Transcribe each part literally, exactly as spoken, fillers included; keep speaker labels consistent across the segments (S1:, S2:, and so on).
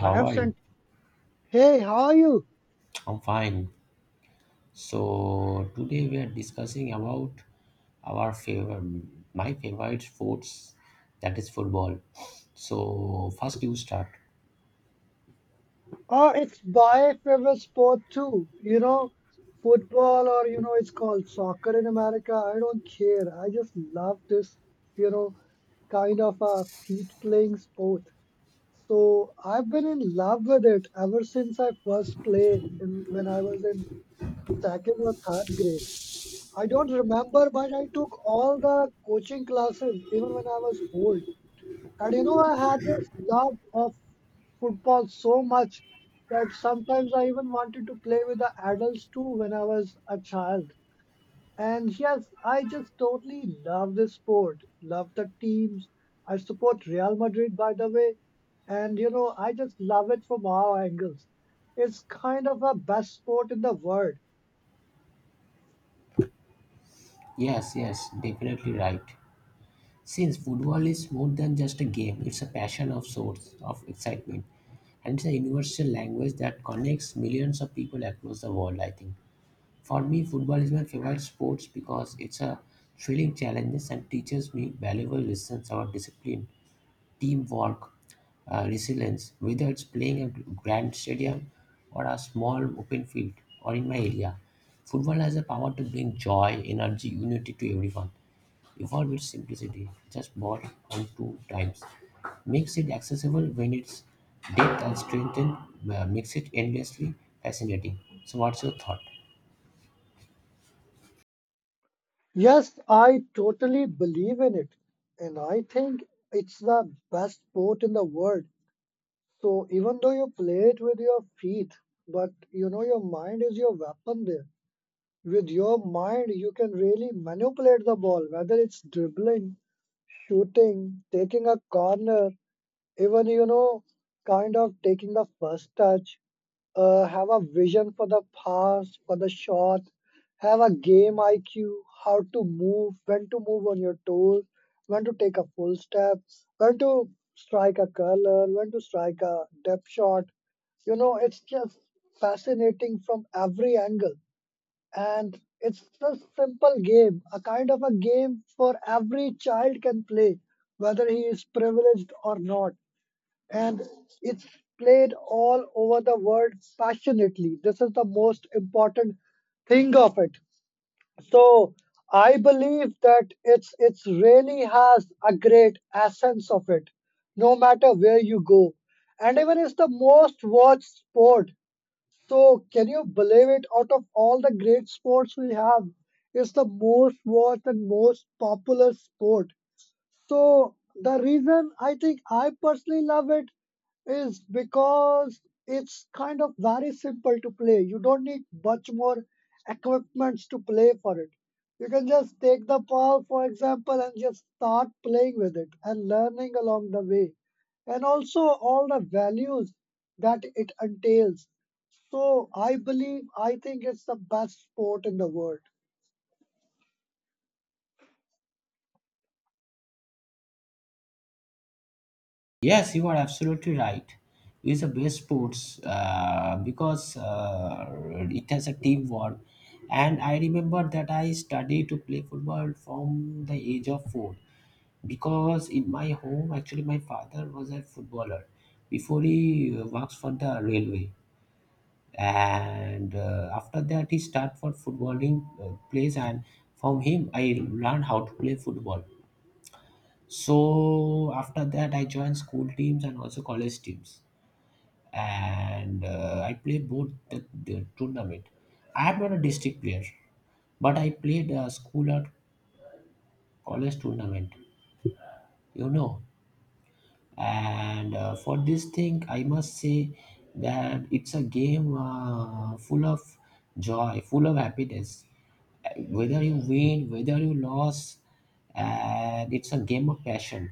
S1: I have
S2: are you?
S1: sent, hey, how are you?
S2: I'm fine. So today we are discussing about our favorite, my favorite sports, that is football. So first you start.
S1: Or it's by favorite sport too. You know, football or, you know, it's called soccer in America. I don't care. I just love this, you know, kind of a feet playing sport. So I've been in love with it ever since I first played in, when I was in second or third grade. I don't remember, but I took all the coaching classes even when I was old. And you know, I had this love of football so much that sometimes I even wanted to play with the adults too when I was a child. And yes, I just totally love this sport, love the teams. I support Real Madrid, by the way. And you know, I just love it from all angles. It's kind of a best sport in the world.
S2: Yes, yes, definitely right. Since football is more than just a game, it's a passion of sorts of excitement, and it's a universal language that connects millions of people across the world. I think for me, football is my favorite sports because it's a thrilling challenges and teaches me valuable lessons about discipline teamwork, uh, resilience, whether it's playing a grand stadium or a small open field or in my area. Football has the power to bring joy, energy, unity to everyone. Evolve its simplicity, just ball on two times. Makes it accessible when its depth and strength, and uh, makes it endlessly fascinating. So, what's your thought?
S1: Yes, I totally believe in it. And I think it's the best sport in the world. So even though you play it with your feet, but you know your mind is your weapon there. With your mind, you can really manipulate the ball, whether it's dribbling, shooting, taking a corner, even you know kind of taking the first touch, uh, have a vision for the pass, for the shot, have a game IQ, how to move, when to move on your toes, when to take a full step, when to strike a curler, when to strike a depth shot. You know it's just fascinating from every angle, and it's a simple game, a kind of a game for every child can play, whether he is privileged or not, and it's played all over the world passionately. This is the most important thing of it. So I believe that it's it's really has a great essence of it, no matter where you go. And even it's the most watched sport. So can you believe it? Out of all the great sports we have, it's the most watched and most popular sport. So the reason I think I personally love it is because it's kind of very simple to play. You don't need much more equipments to play for it. You can just take the ball, for example, and just start playing with it and learning along the way. And also all the values that it entails. So I believe, I think it's the best sport in the world.
S2: Yes, you are absolutely right. It's the best sports uh, because uh, it has a teamwork. And I remember that I studied to play football from the age of four because in my home, actually, my father was a footballer before he uh, works for the railway. And uh, after that, he started for footballing uh, place, and from him, I learned how to play football. So after that, I joined school teams and also college teams, and uh, I played both the, the tournament. I am not a district player, but I played a school or college tournament. You know, and uh, for this thing I must say that it's a game uh, full of joy, full of happiness. Uh, whether you win, whether you lose, and it's a game of passion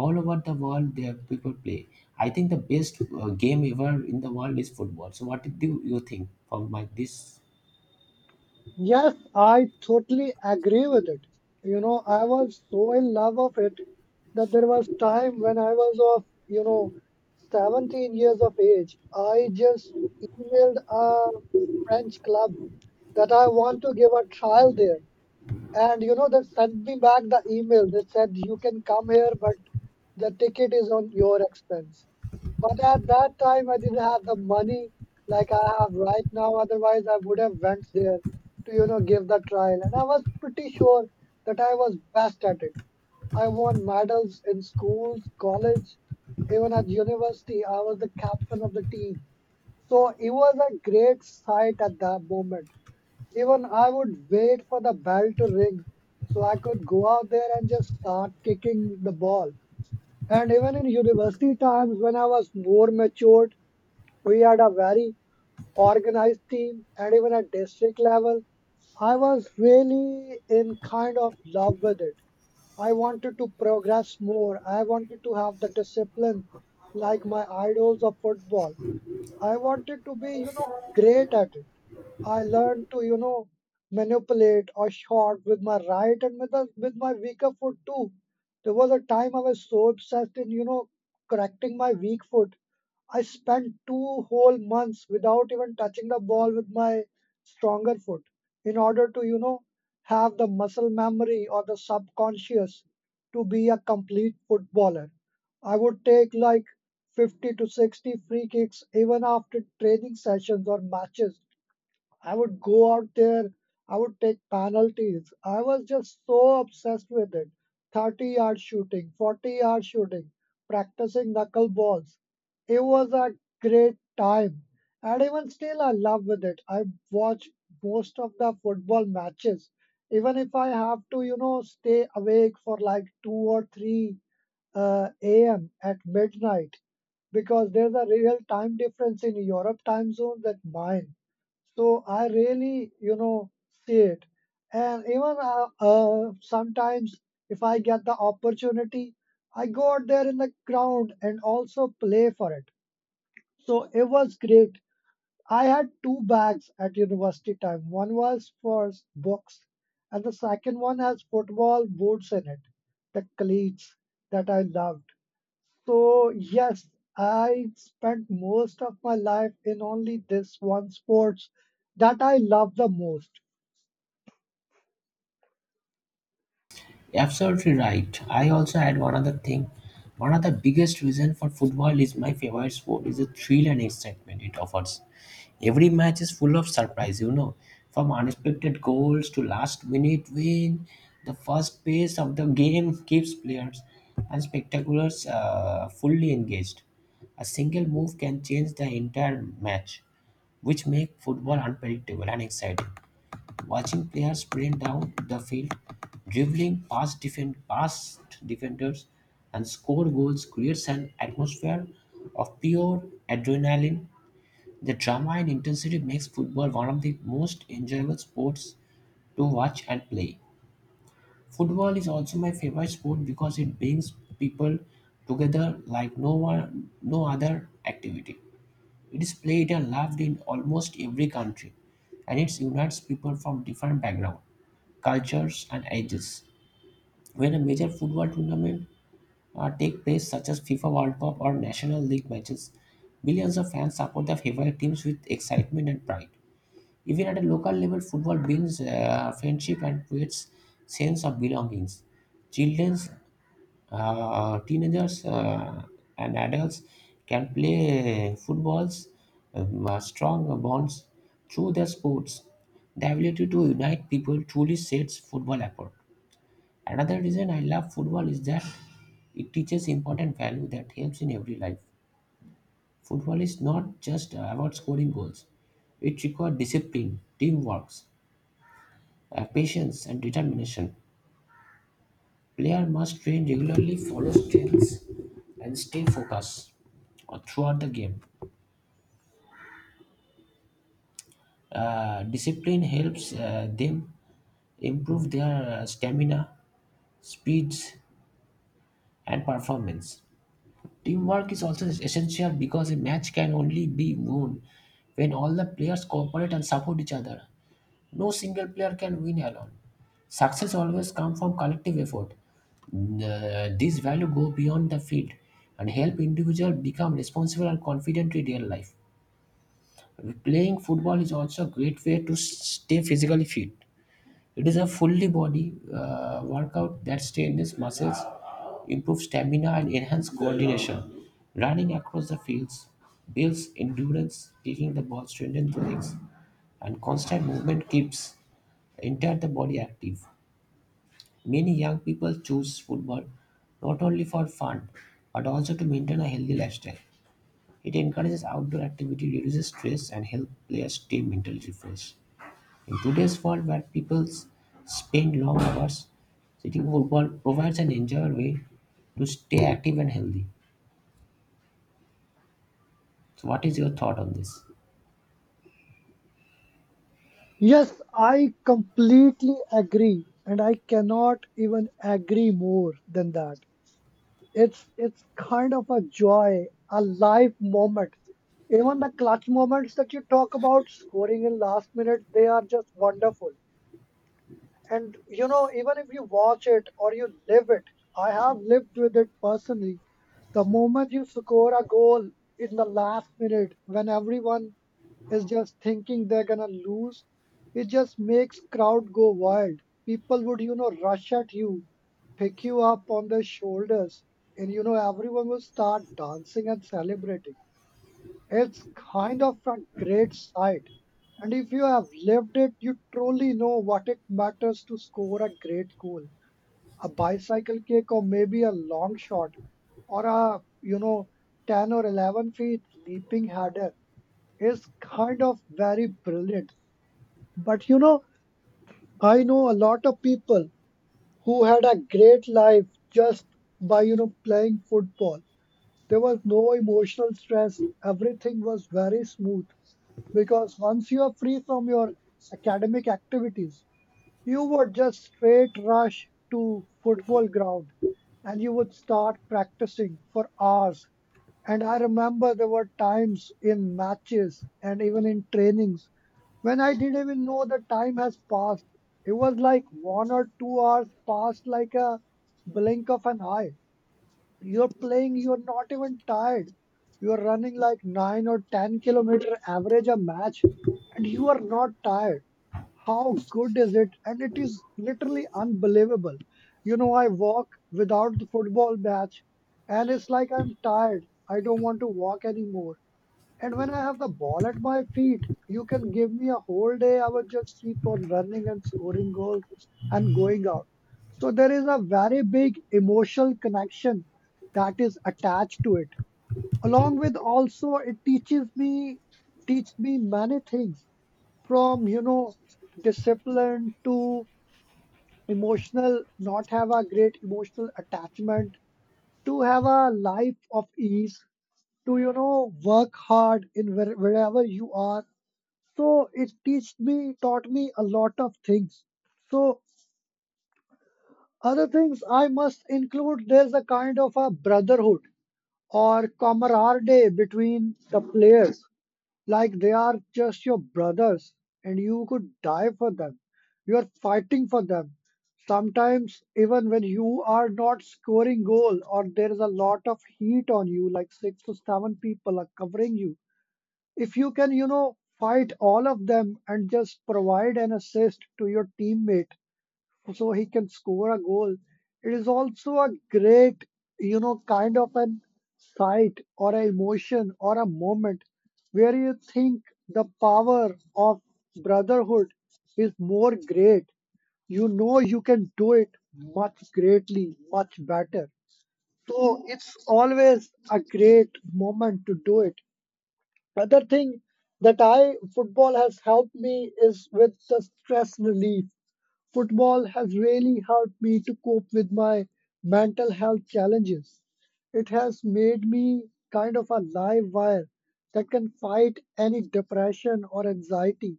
S2: all over the world. There people play. I think the best uh, game ever in the world is football. So what do you think from my this?
S1: Yes, I totally agree with it. You know, I was so in love of it that there was time when I was of, you know, seventeen years of age. I just emailed a French club that I want to give a trial there. And you know, they sent me back the email. They said, you can come here, but the ticket is on your expense. But at that time, I didn't have the money like I have right now. Otherwise, I would have went there to, you know, give the trial. And I was pretty sure that I was best at it. I won medals in schools, college, even at university. I was the captain of the team. So it was a great sight at that moment. Even I would wait for the bell to ring so I could go out there and just start kicking the ball. And even in university times, when I was more matured, we had a very organized team, and even at district level, I was really in kind of love with it. I wanted to progress more. I wanted to have the discipline like my idols of football. I wanted to be, you know, great at it. I learned to, you know, manipulate or short with my right and with, the, with my weaker foot too. There was a time I was so obsessed in, you know, correcting my weak foot. I spent two whole months without even touching the ball with my stronger foot in order to, you know, have the muscle memory or the subconscious to be a complete footballer. I would take like fifty to sixty free kicks even after training sessions or matches. I would go out there, I would take penalties. I was just so obsessed with it. thirty yard shooting, forty yard shooting, practicing knuckle balls. It was a great time. And even still, I love with it. I watch most of the football matches. Even if I have to, you know, stay awake for like two or three uh, a m at midnight because there's a real time difference in Europe time zone that mine. So I really, you know, see it. And even uh, uh, sometimes, if I get the opportunity, I go out there in the ground and also play for it. So it was great. I had two bags at university time. One was for s- books, and the second one has football boots in it, the cleats that I loved. So, yes, I spent most of my life in only this one sports that I love the most.
S2: Absolutely right. I also had one other thing. One of the biggest reason for football is my favorite sport is the thrill and excitement it offers. Every match is full of surprise, you know, from unexpected goals to last minute win. The first pace of the game keeps players and spectaculars uh, fully engaged. A single move can change the entire match, which make football unpredictable and exciting. Watching players sprint down the field, dribbling past, defend, past defenders, and score goals creates an atmosphere of pure adrenaline. The drama and intensity makes football one of the most enjoyable sports to watch and play. Football is also my favorite sport because it brings people together like no one, no other activity. It is played and loved in almost every country, and it unites people from different backgrounds, cultures, and ages. When a major football tournament uh, take place, such as FIFA World Cup or National League matches, millions of fans support their favorite teams with excitement and pride. Even at a local level, football brings uh, friendship and creates sense of belongings. Children, uh, teenagers, uh, and adults can play footballs, um, uh, strong bonds through their sports. The ability to unite people truly sets football apart. Another reason I love football is that it teaches important value that helps in every life. Football is not just about scoring goals, it requires discipline, teamwork, uh, patience and determination. Player must train regularly, follow strengths, and stay focused uh, throughout the game. Uh, discipline helps uh, them improve their uh, stamina, speeds, and performance. Teamwork is also essential because a match can only be won when all the players cooperate and support each other. No single player can win alone. Success always comes from collective effort. Mm, Uh, these values go beyond the field and help individual become responsible and confident in real life. Playing football is also a great way to s- stay physically fit. It is a fully body uh, workout that strengthens muscles, improves stamina, and enhances coordination. Running across the fields builds endurance, kicking the ball strengthens the legs, and constant movement keeps enter the body active. Many young people choose football not only for fun but also to maintain a healthy lifestyle. It encourages outdoor activity, reduces stress, and helps players stay mentally refreshed. In today's world where people spend long hours sitting, football provides an enjoyable way to stay active and healthy. So what is your thought on this?
S1: Yes, I completely agree, and I cannot even agree more than that. It's it's kind of a joy, a life moment. Even the clutch moments that you talk about, scoring in last minute, they are just wonderful. And you know, even if you watch it or you live it, I have lived with it personally. The moment you score a goal in the last minute, when everyone is just thinking they're gonna lose, it just makes crowd go wild. People would, you know, rush at you, pick you up on their shoulders, and you know, everyone will start dancing and celebrating. It's kind of a great sight, and if you have lived it, you truly know what it matters to score a great goal, a bicycle kick, or maybe a long shot, or a you know ten or eleven feet leaping header. Is kind of very brilliant. But you know, I know a lot of people who had a great life just by you know playing football. There was no emotional stress. Everything was very smooth because once you are free from your academic activities, you would just straight rush to football ground and you would start practicing for hours. And I remember there were times in matches and even in trainings when I didn't even know the time has passed. It was like one or two hours passed like a blink of an eye. You're playing, you're not even tired. You're running like nine or ten kilometer average a match and you are not tired. How good is it? And it is literally unbelievable. You know, I walk without the football match and it's like I'm tired. I don't want to walk anymore. And when I have the ball at my feet, you can give me a whole day. I would just keep on running and scoring goals and going out. So there is a very big emotional connection that is attached to it. Along with also, it teaches me teach me many things from you know discipline to emotional, not have a great emotional attachment, to have a life of ease, to you know work hard in where, wherever you are. So it teach me taught me a lot of things. So other things I must include, there's a kind of a brotherhood or camaraderie between the players, like they are just your brothers and you could die for them. You are fighting for them sometimes even when you are not scoring goal or there is a lot of heat on you, like six to seven people are covering you. If you can, you know, fight all of them and just provide an assist to your teammate so he can score a goal, it is also a great, you know, kind of an sight or an emotion or a moment where you think the power of brotherhood is more great. You know you can do it much greatly, much better. So it's always a great moment to do it. Other thing that I football has helped me is with the stress relief. Football has really helped me to cope with my mental health challenges. It has made me kind of a live wire that can fight any depression or anxiety.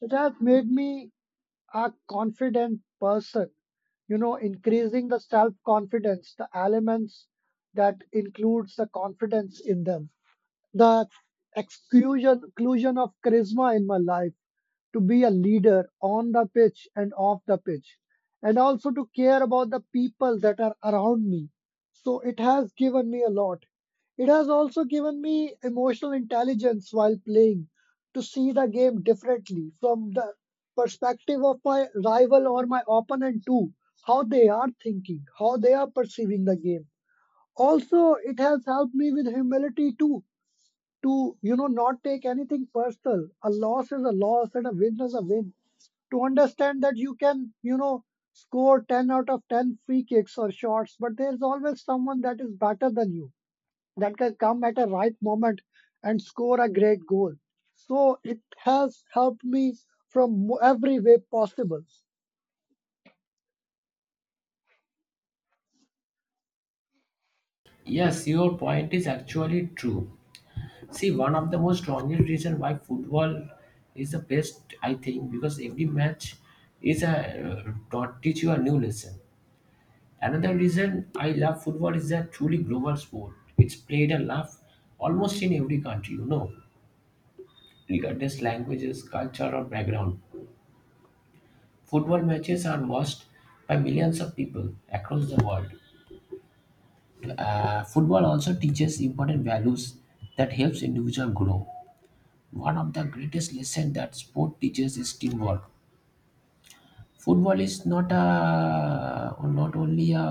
S1: It has made me a confident person, you know increasing the self confidence, the elements that includes the confidence in them, the exclusion, exclusion of charisma in my life, to be a leader on the pitch and off the pitch, and also to care about the people that are around me. So it has given me a lot. It has also given me emotional intelligence while playing, to see the game differently from the perspective of my rival or my opponent too, how they are thinking, how they are perceiving the game. Also it has helped me with humility too, to, you know, not take anything personal. A loss is a loss and a win is a win. To understand that you can, you know, score ten out of ten free kicks or shots, but there's always someone that is better than you that can come at a right moment and score a great goal. So it has helped me from mo- every way possible.
S2: Yes, your point is actually true. See, one of the most strongest reason why football is the best, I think, because every match is a uh, taught- teach you a new lesson. Another reason I love football is that truly global sport. It's played and loved almost in every country, you know, regardless languages, culture, or background. Football matches are watched by millions of people across the world. Uh, football also teaches important values that helps individual grow. One of the greatest lessons that sport teaches is teamwork. Football is not a not only a,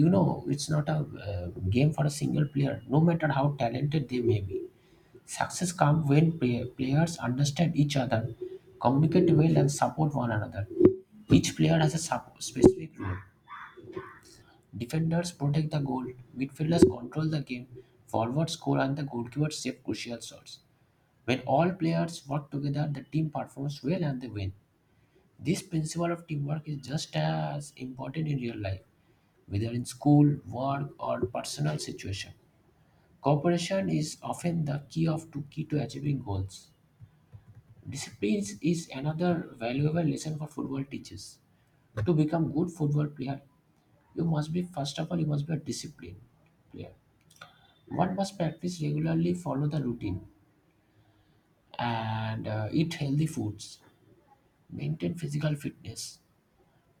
S2: you know, it's not a uh, game for a single player. No matter how talented they may be, success comes when play- players understand each other, communicate well, and support one another. Each player has a sup- specific role. Defenders protect the goal, midfielders control the game, forwards score, and the goalkeepers save crucial shots. When all players work together, the team performs well and they win. This principle of teamwork is just as important in real life, whether in school, work, or personal situation. Cooperation is often the key of to key to achieving goals. Discipline is another valuable lesson for football teachers. To become good football player, you must be first of all you must be a disciplined player. One must practice regularly, follow the routine, and uh, eat healthy foods, maintain physical fitness.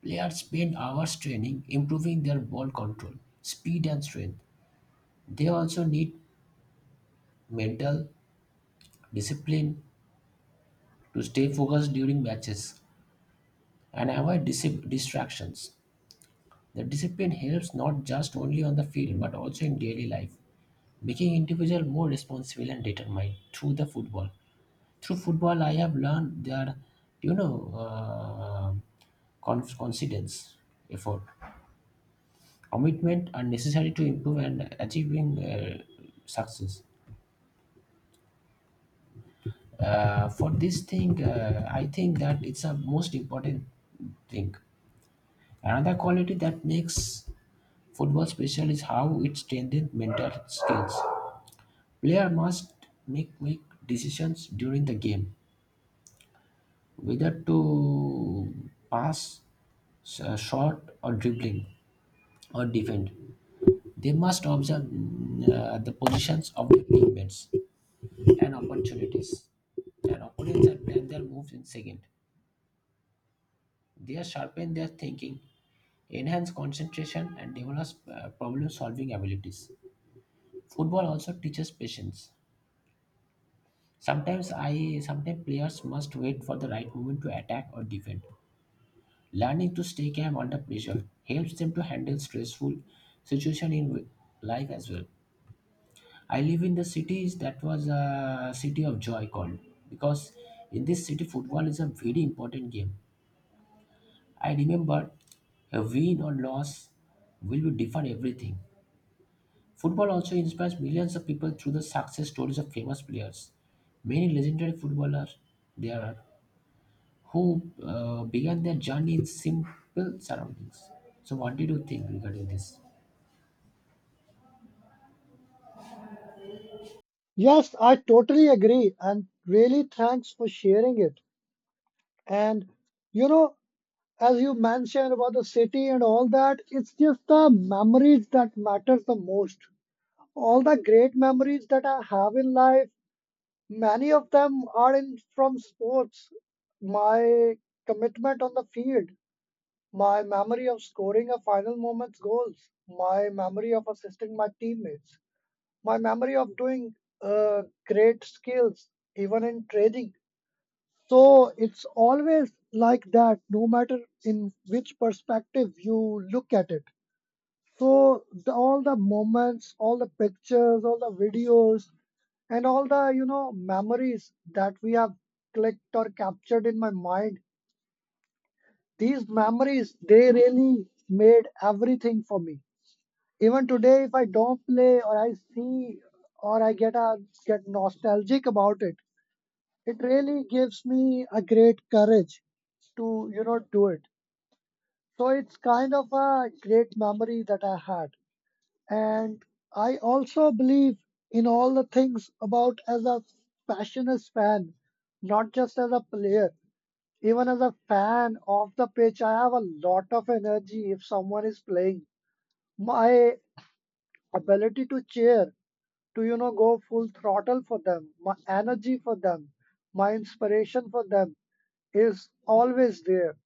S2: Players spend hours training, improving their ball control, speed, and strength. They also need mental discipline to stay focused during matches and avoid dis- distractions. The discipline helps not just only on the field but also in daily life, making individual more responsible and determined through the football. Through football, I have learned that, you know uh, conf- confidence, effort, commitment are necessary to improve and achieving uh, success. Uh, for this thing, uh, I think that it's a most important thing. Another quality that makes football special is how it strengthens mental skills. Player must make quick decisions during the game, whether to pass, s- shot, or dribbling, or defend. They must observe, mm, uh, the positions of their teammates and opportunities. Their opponents are plan their moves in second. They sharpen their thinking, enhance concentration, and develop uh, problem-solving abilities. Football also teaches patience. Sometimes I sometimes players must wait for the right moment to attack or defend. Learning to stay calm under pressure helps them to handle stressful situation in wi- life as well. I live in the cities that was a city of joy called because in this city football is a very important game. I remembered a win or loss will define everything. Football also inspires millions of people through the success stories of famous players. Many legendary footballers there are who uh, began their journey in simple surroundings. So, what did you think regarding this?
S1: Yes, I totally agree, and really thanks for sharing it. And, you know, as you mentioned about the city and all that, it's just the memories that matters the most. All the great memories that I have in life, many of them are in from sports. My commitment on the field, my memory of scoring a final moment's goals, my memory of assisting my teammates, my memory of doing uh, great skills, even in trading. So it's always like that, no matter in which perspective you look at it. So the, all the moments, all the pictures, all the videos, and all the, you know memories that we have clicked or captured in my mind, these memories, they really made everything for me. Even today, if I don't play or I see or I get a get nostalgic about it, it really gives me a great courage to, you know, do it. So it's kind of a great memory that I had. And I also believe in all the things about, as a passionate fan, not just as a player. Even as a fan of the pitch, I have a lot of energy. If someone is playing, my ability to cheer, to, you know, go full throttle for them, my energy for them, my inspiration for them, is always there.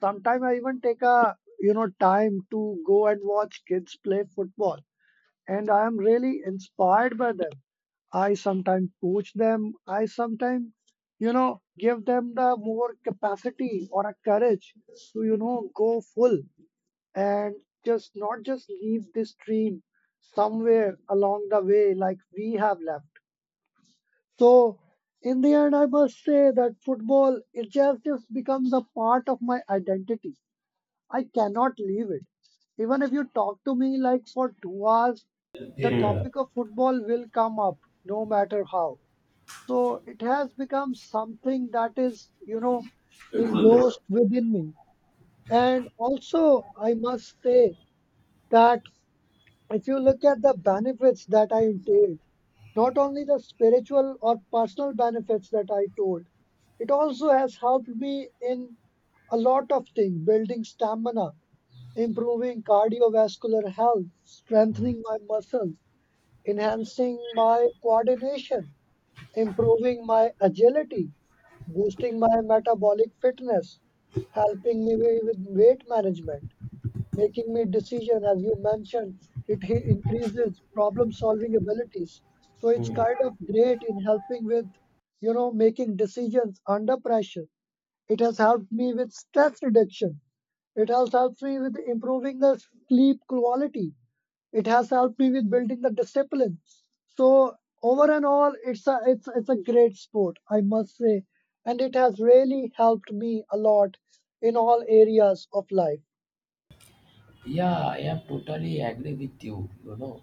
S1: Sometimes I even take a, you know, time to go and watch kids play football, and I am really inspired by them. I sometimes coach them. I sometimes, you know, give them the more capacity or a courage to, you know, go full and just not just leave this dream somewhere along the way like we have left. So in the end, I must say that football, it just just becomes a part of my identity. I cannot leave it. Even if you talk to me like for two hours, the topic of football will come up, no matter how. So it has become something that is, you know, engrossed within me. And also, I must say that if you look at the benefits that I entailed, not only the spiritual or personal benefits that I told, it also has helped me in a lot of things: building stamina, improving cardiovascular health, strengthening my muscles, enhancing my coordination, improving my agility, boosting my metabolic fitness, helping me with weight management, making me decision. As you mentioned, it hi- increases problem solving abilities. So it's kind of great in helping with, you know, making decisions under pressure. It has helped me with stress reduction. It has helped me with improving the sleep quality. It has helped me with building the discipline. So over and all, it's a it's it's a great sport, I must say, and it has really helped me a lot in all areas of life.
S2: Yeah, I am totally agree with you, you know.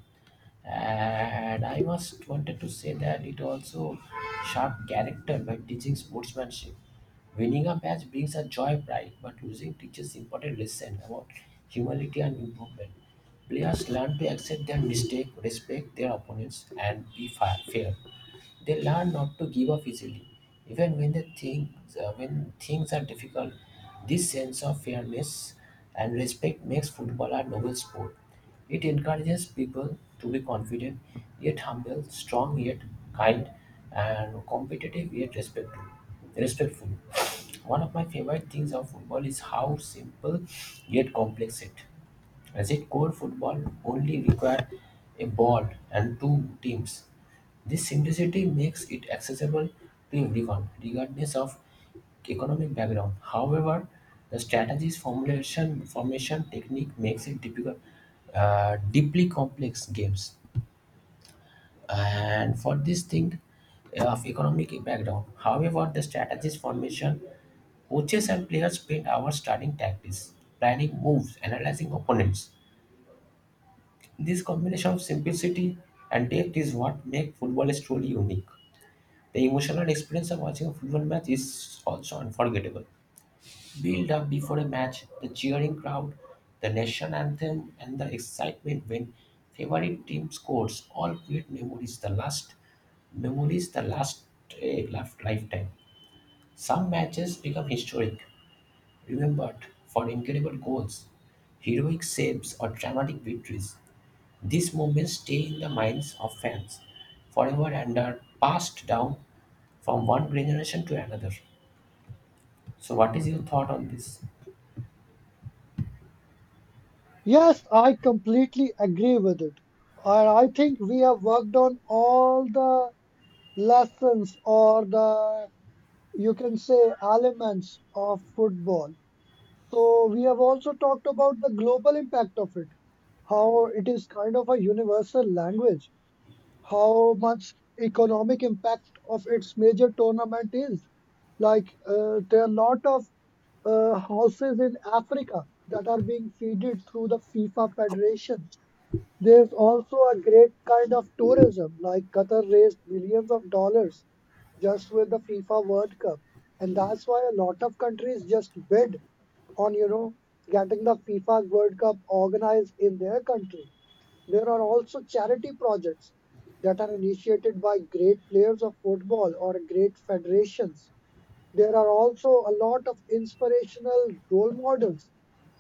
S2: And I must wanted to say that it also sharp character by teaching sportsmanship. Winning a match brings a joy pride, but losing teaches important lesson about humility and improvement. Players learn to accept their mistake, respect their opponents, and be fa- fair. They learn not to give up easily, even when the things uh, when things are difficult. This sense of fairness and respect makes football a noble sport. It encourages people to be confident, yet humble, strong yet kind, and competitive yet respectful. Respectful. One of my favorite things of football is how simple yet complex it, as it core football only require a ball and two teams. This simplicity makes it accessible to everyone, regardless of economic background. However, the strategy's formulation, formation technique makes it difficult, uh, deeply complex games. And for this thing uh, of economic background, however, the strategy's formation, coaches and players spend hours studying tactics, planning moves, analyzing opponents. This combination of simplicity and depth is what makes footballers truly unique. The emotional experience of watching a football match is also unforgettable. Build up before a match, the cheering crowd, the nation anthem, and the excitement when favorite team scores all create memories. The last memories, the last eh, lif- lifetime. Some matches become historic, remembered for incredible goals, heroic saves, or dramatic victories. These moments stay in the minds of fans forever and are passed down from one generation to another. So, what is your thought on this?
S1: Yes, I completely agree with it. And I think we have worked on all the lessons, or the, you can say, elements of football. So we have also talked about the global impact of it, how it is kind of a universal language, how much economic impact of its major tournament is. Like, uh, there are a lot of uh, houses in Africa that are being feeded through the FIFA Federation. There's also a great kind of tourism, like Qatar raised millions of dollars just with the FIFA World Cup. And that's why a lot of countries just bid on, you know, getting the FIFA World Cup organized in their country. There are also charity projects that are initiated by great players of football or great federations. There are also a lot of inspirational role models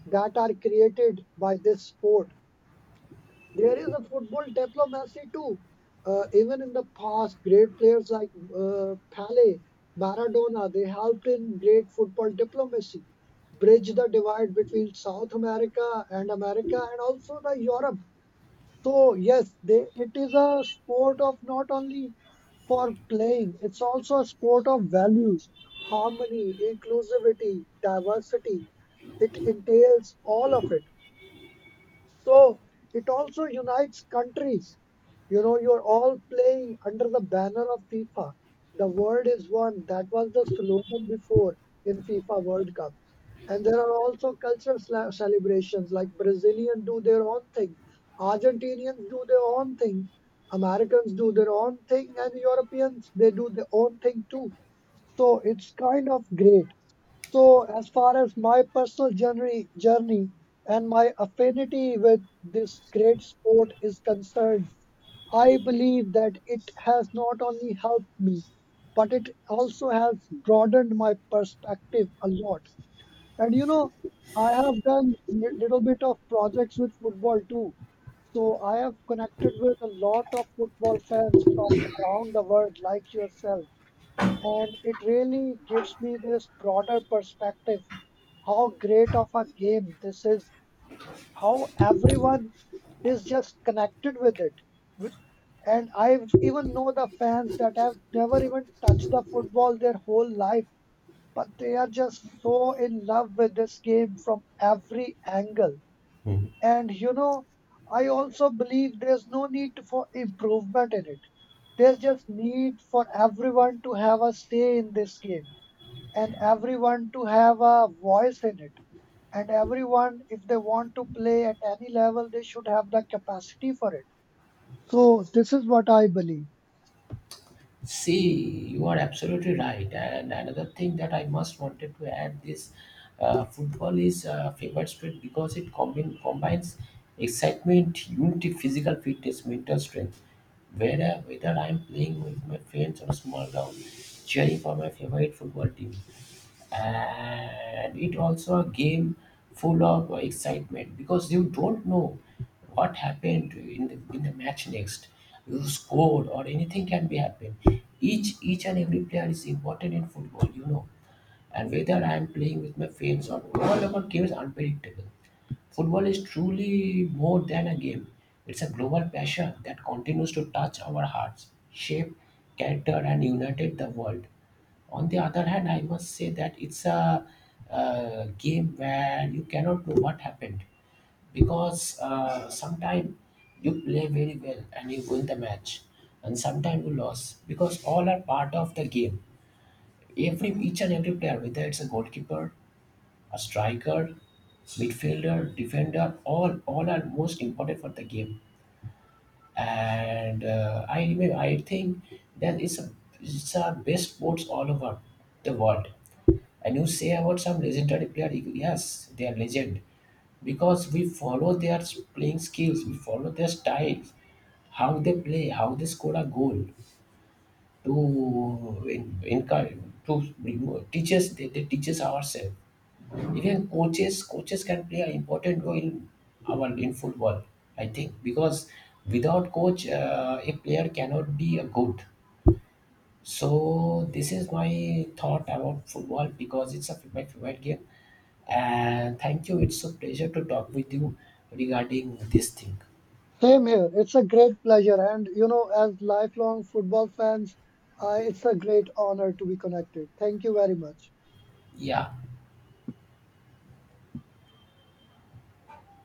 S1: that are created by this sport. There is a football diplomacy too. Uh, even in the past, great players like uh, Pele, Maradona, they helped in great football diplomacy, bridge the divide between South America and America and also the Europe. So yes, they, it is a sport of not only for playing, it's also a sport of values, harmony, inclusivity, diversity. It entails all of it. So it also unites countries. You know, you're all playing under the banner of FIFA. The world is one. That was the slogan before in FIFA World Cup. And there are also cultural sla- celebrations, like Brazilians do their own thing, Argentinians do their own thing, Americans do their own thing, and Europeans, they do their own thing too. So it's kind of great. So, as far as my personal journey, journey and my affinity with this great sport is concerned, I believe that it has not only helped me, but it also has broadened my perspective a lot. And, you know, I have done li- little bit of projects with football too. So I have connected with a lot of football fans from around the world, like yourself, and it really gives me this broader perspective, how great of a game this is, how everyone is just connected with it. With- and I even know the fans that have never even touched the football their whole life, but they are just so in love with this game from every angle. And, you know, I also believe there's no need for improvement in it. There's just need for everyone to have a say in this game and everyone to have a voice in it. And everyone, if they want to play at any level, they should have the capacity for it. So, this is what I believe.
S2: See, you are absolutely right. And another thing that I must wanted to add this, uh, football is a favorite sport because it combine, combines excitement, unity, physical fitness, mental strength. Whether, whether I am playing with my friends on a small ground, cheering for my favorite football team, and it also a game full of excitement because you don't know what happened in the, in the match next. You scored or anything can be happen. Each each and every player is important in football, you know, and whether I am playing with my friends or all our game is unpredictable. Football is truly more than a game. It's a global passion that continues to touch our hearts, shape character and united the world. On the other hand, I must say that it's a, uh game where you cannot know what happened, because uh, sometimes you play very well and you win the match, and sometimes you lose because all are part of the game. Every each and every player, whether it's a goalkeeper, a striker, midfielder, defender, all all are most important for the game. And uh, I remember, I think that it's a it's a best sports all over the world. And you say about some legendary player, yes, they are legend because we follow their playing skills, we follow their styles, how they play, how they score a goal to in, encourage to remove- teach us. They, they teach us ourselves. Even coaches, coaches can play an important role in our in football. I think because without coach, uh, a player cannot be a good. So this is my thought about football because it's a, my favorite game, and thank you. It's a pleasure to talk with you regarding this thing.
S1: Same here. It's a great pleasure. And, you know, as lifelong football fans, uh, it's a great honor to be connected. Thank you very much.
S2: Yeah.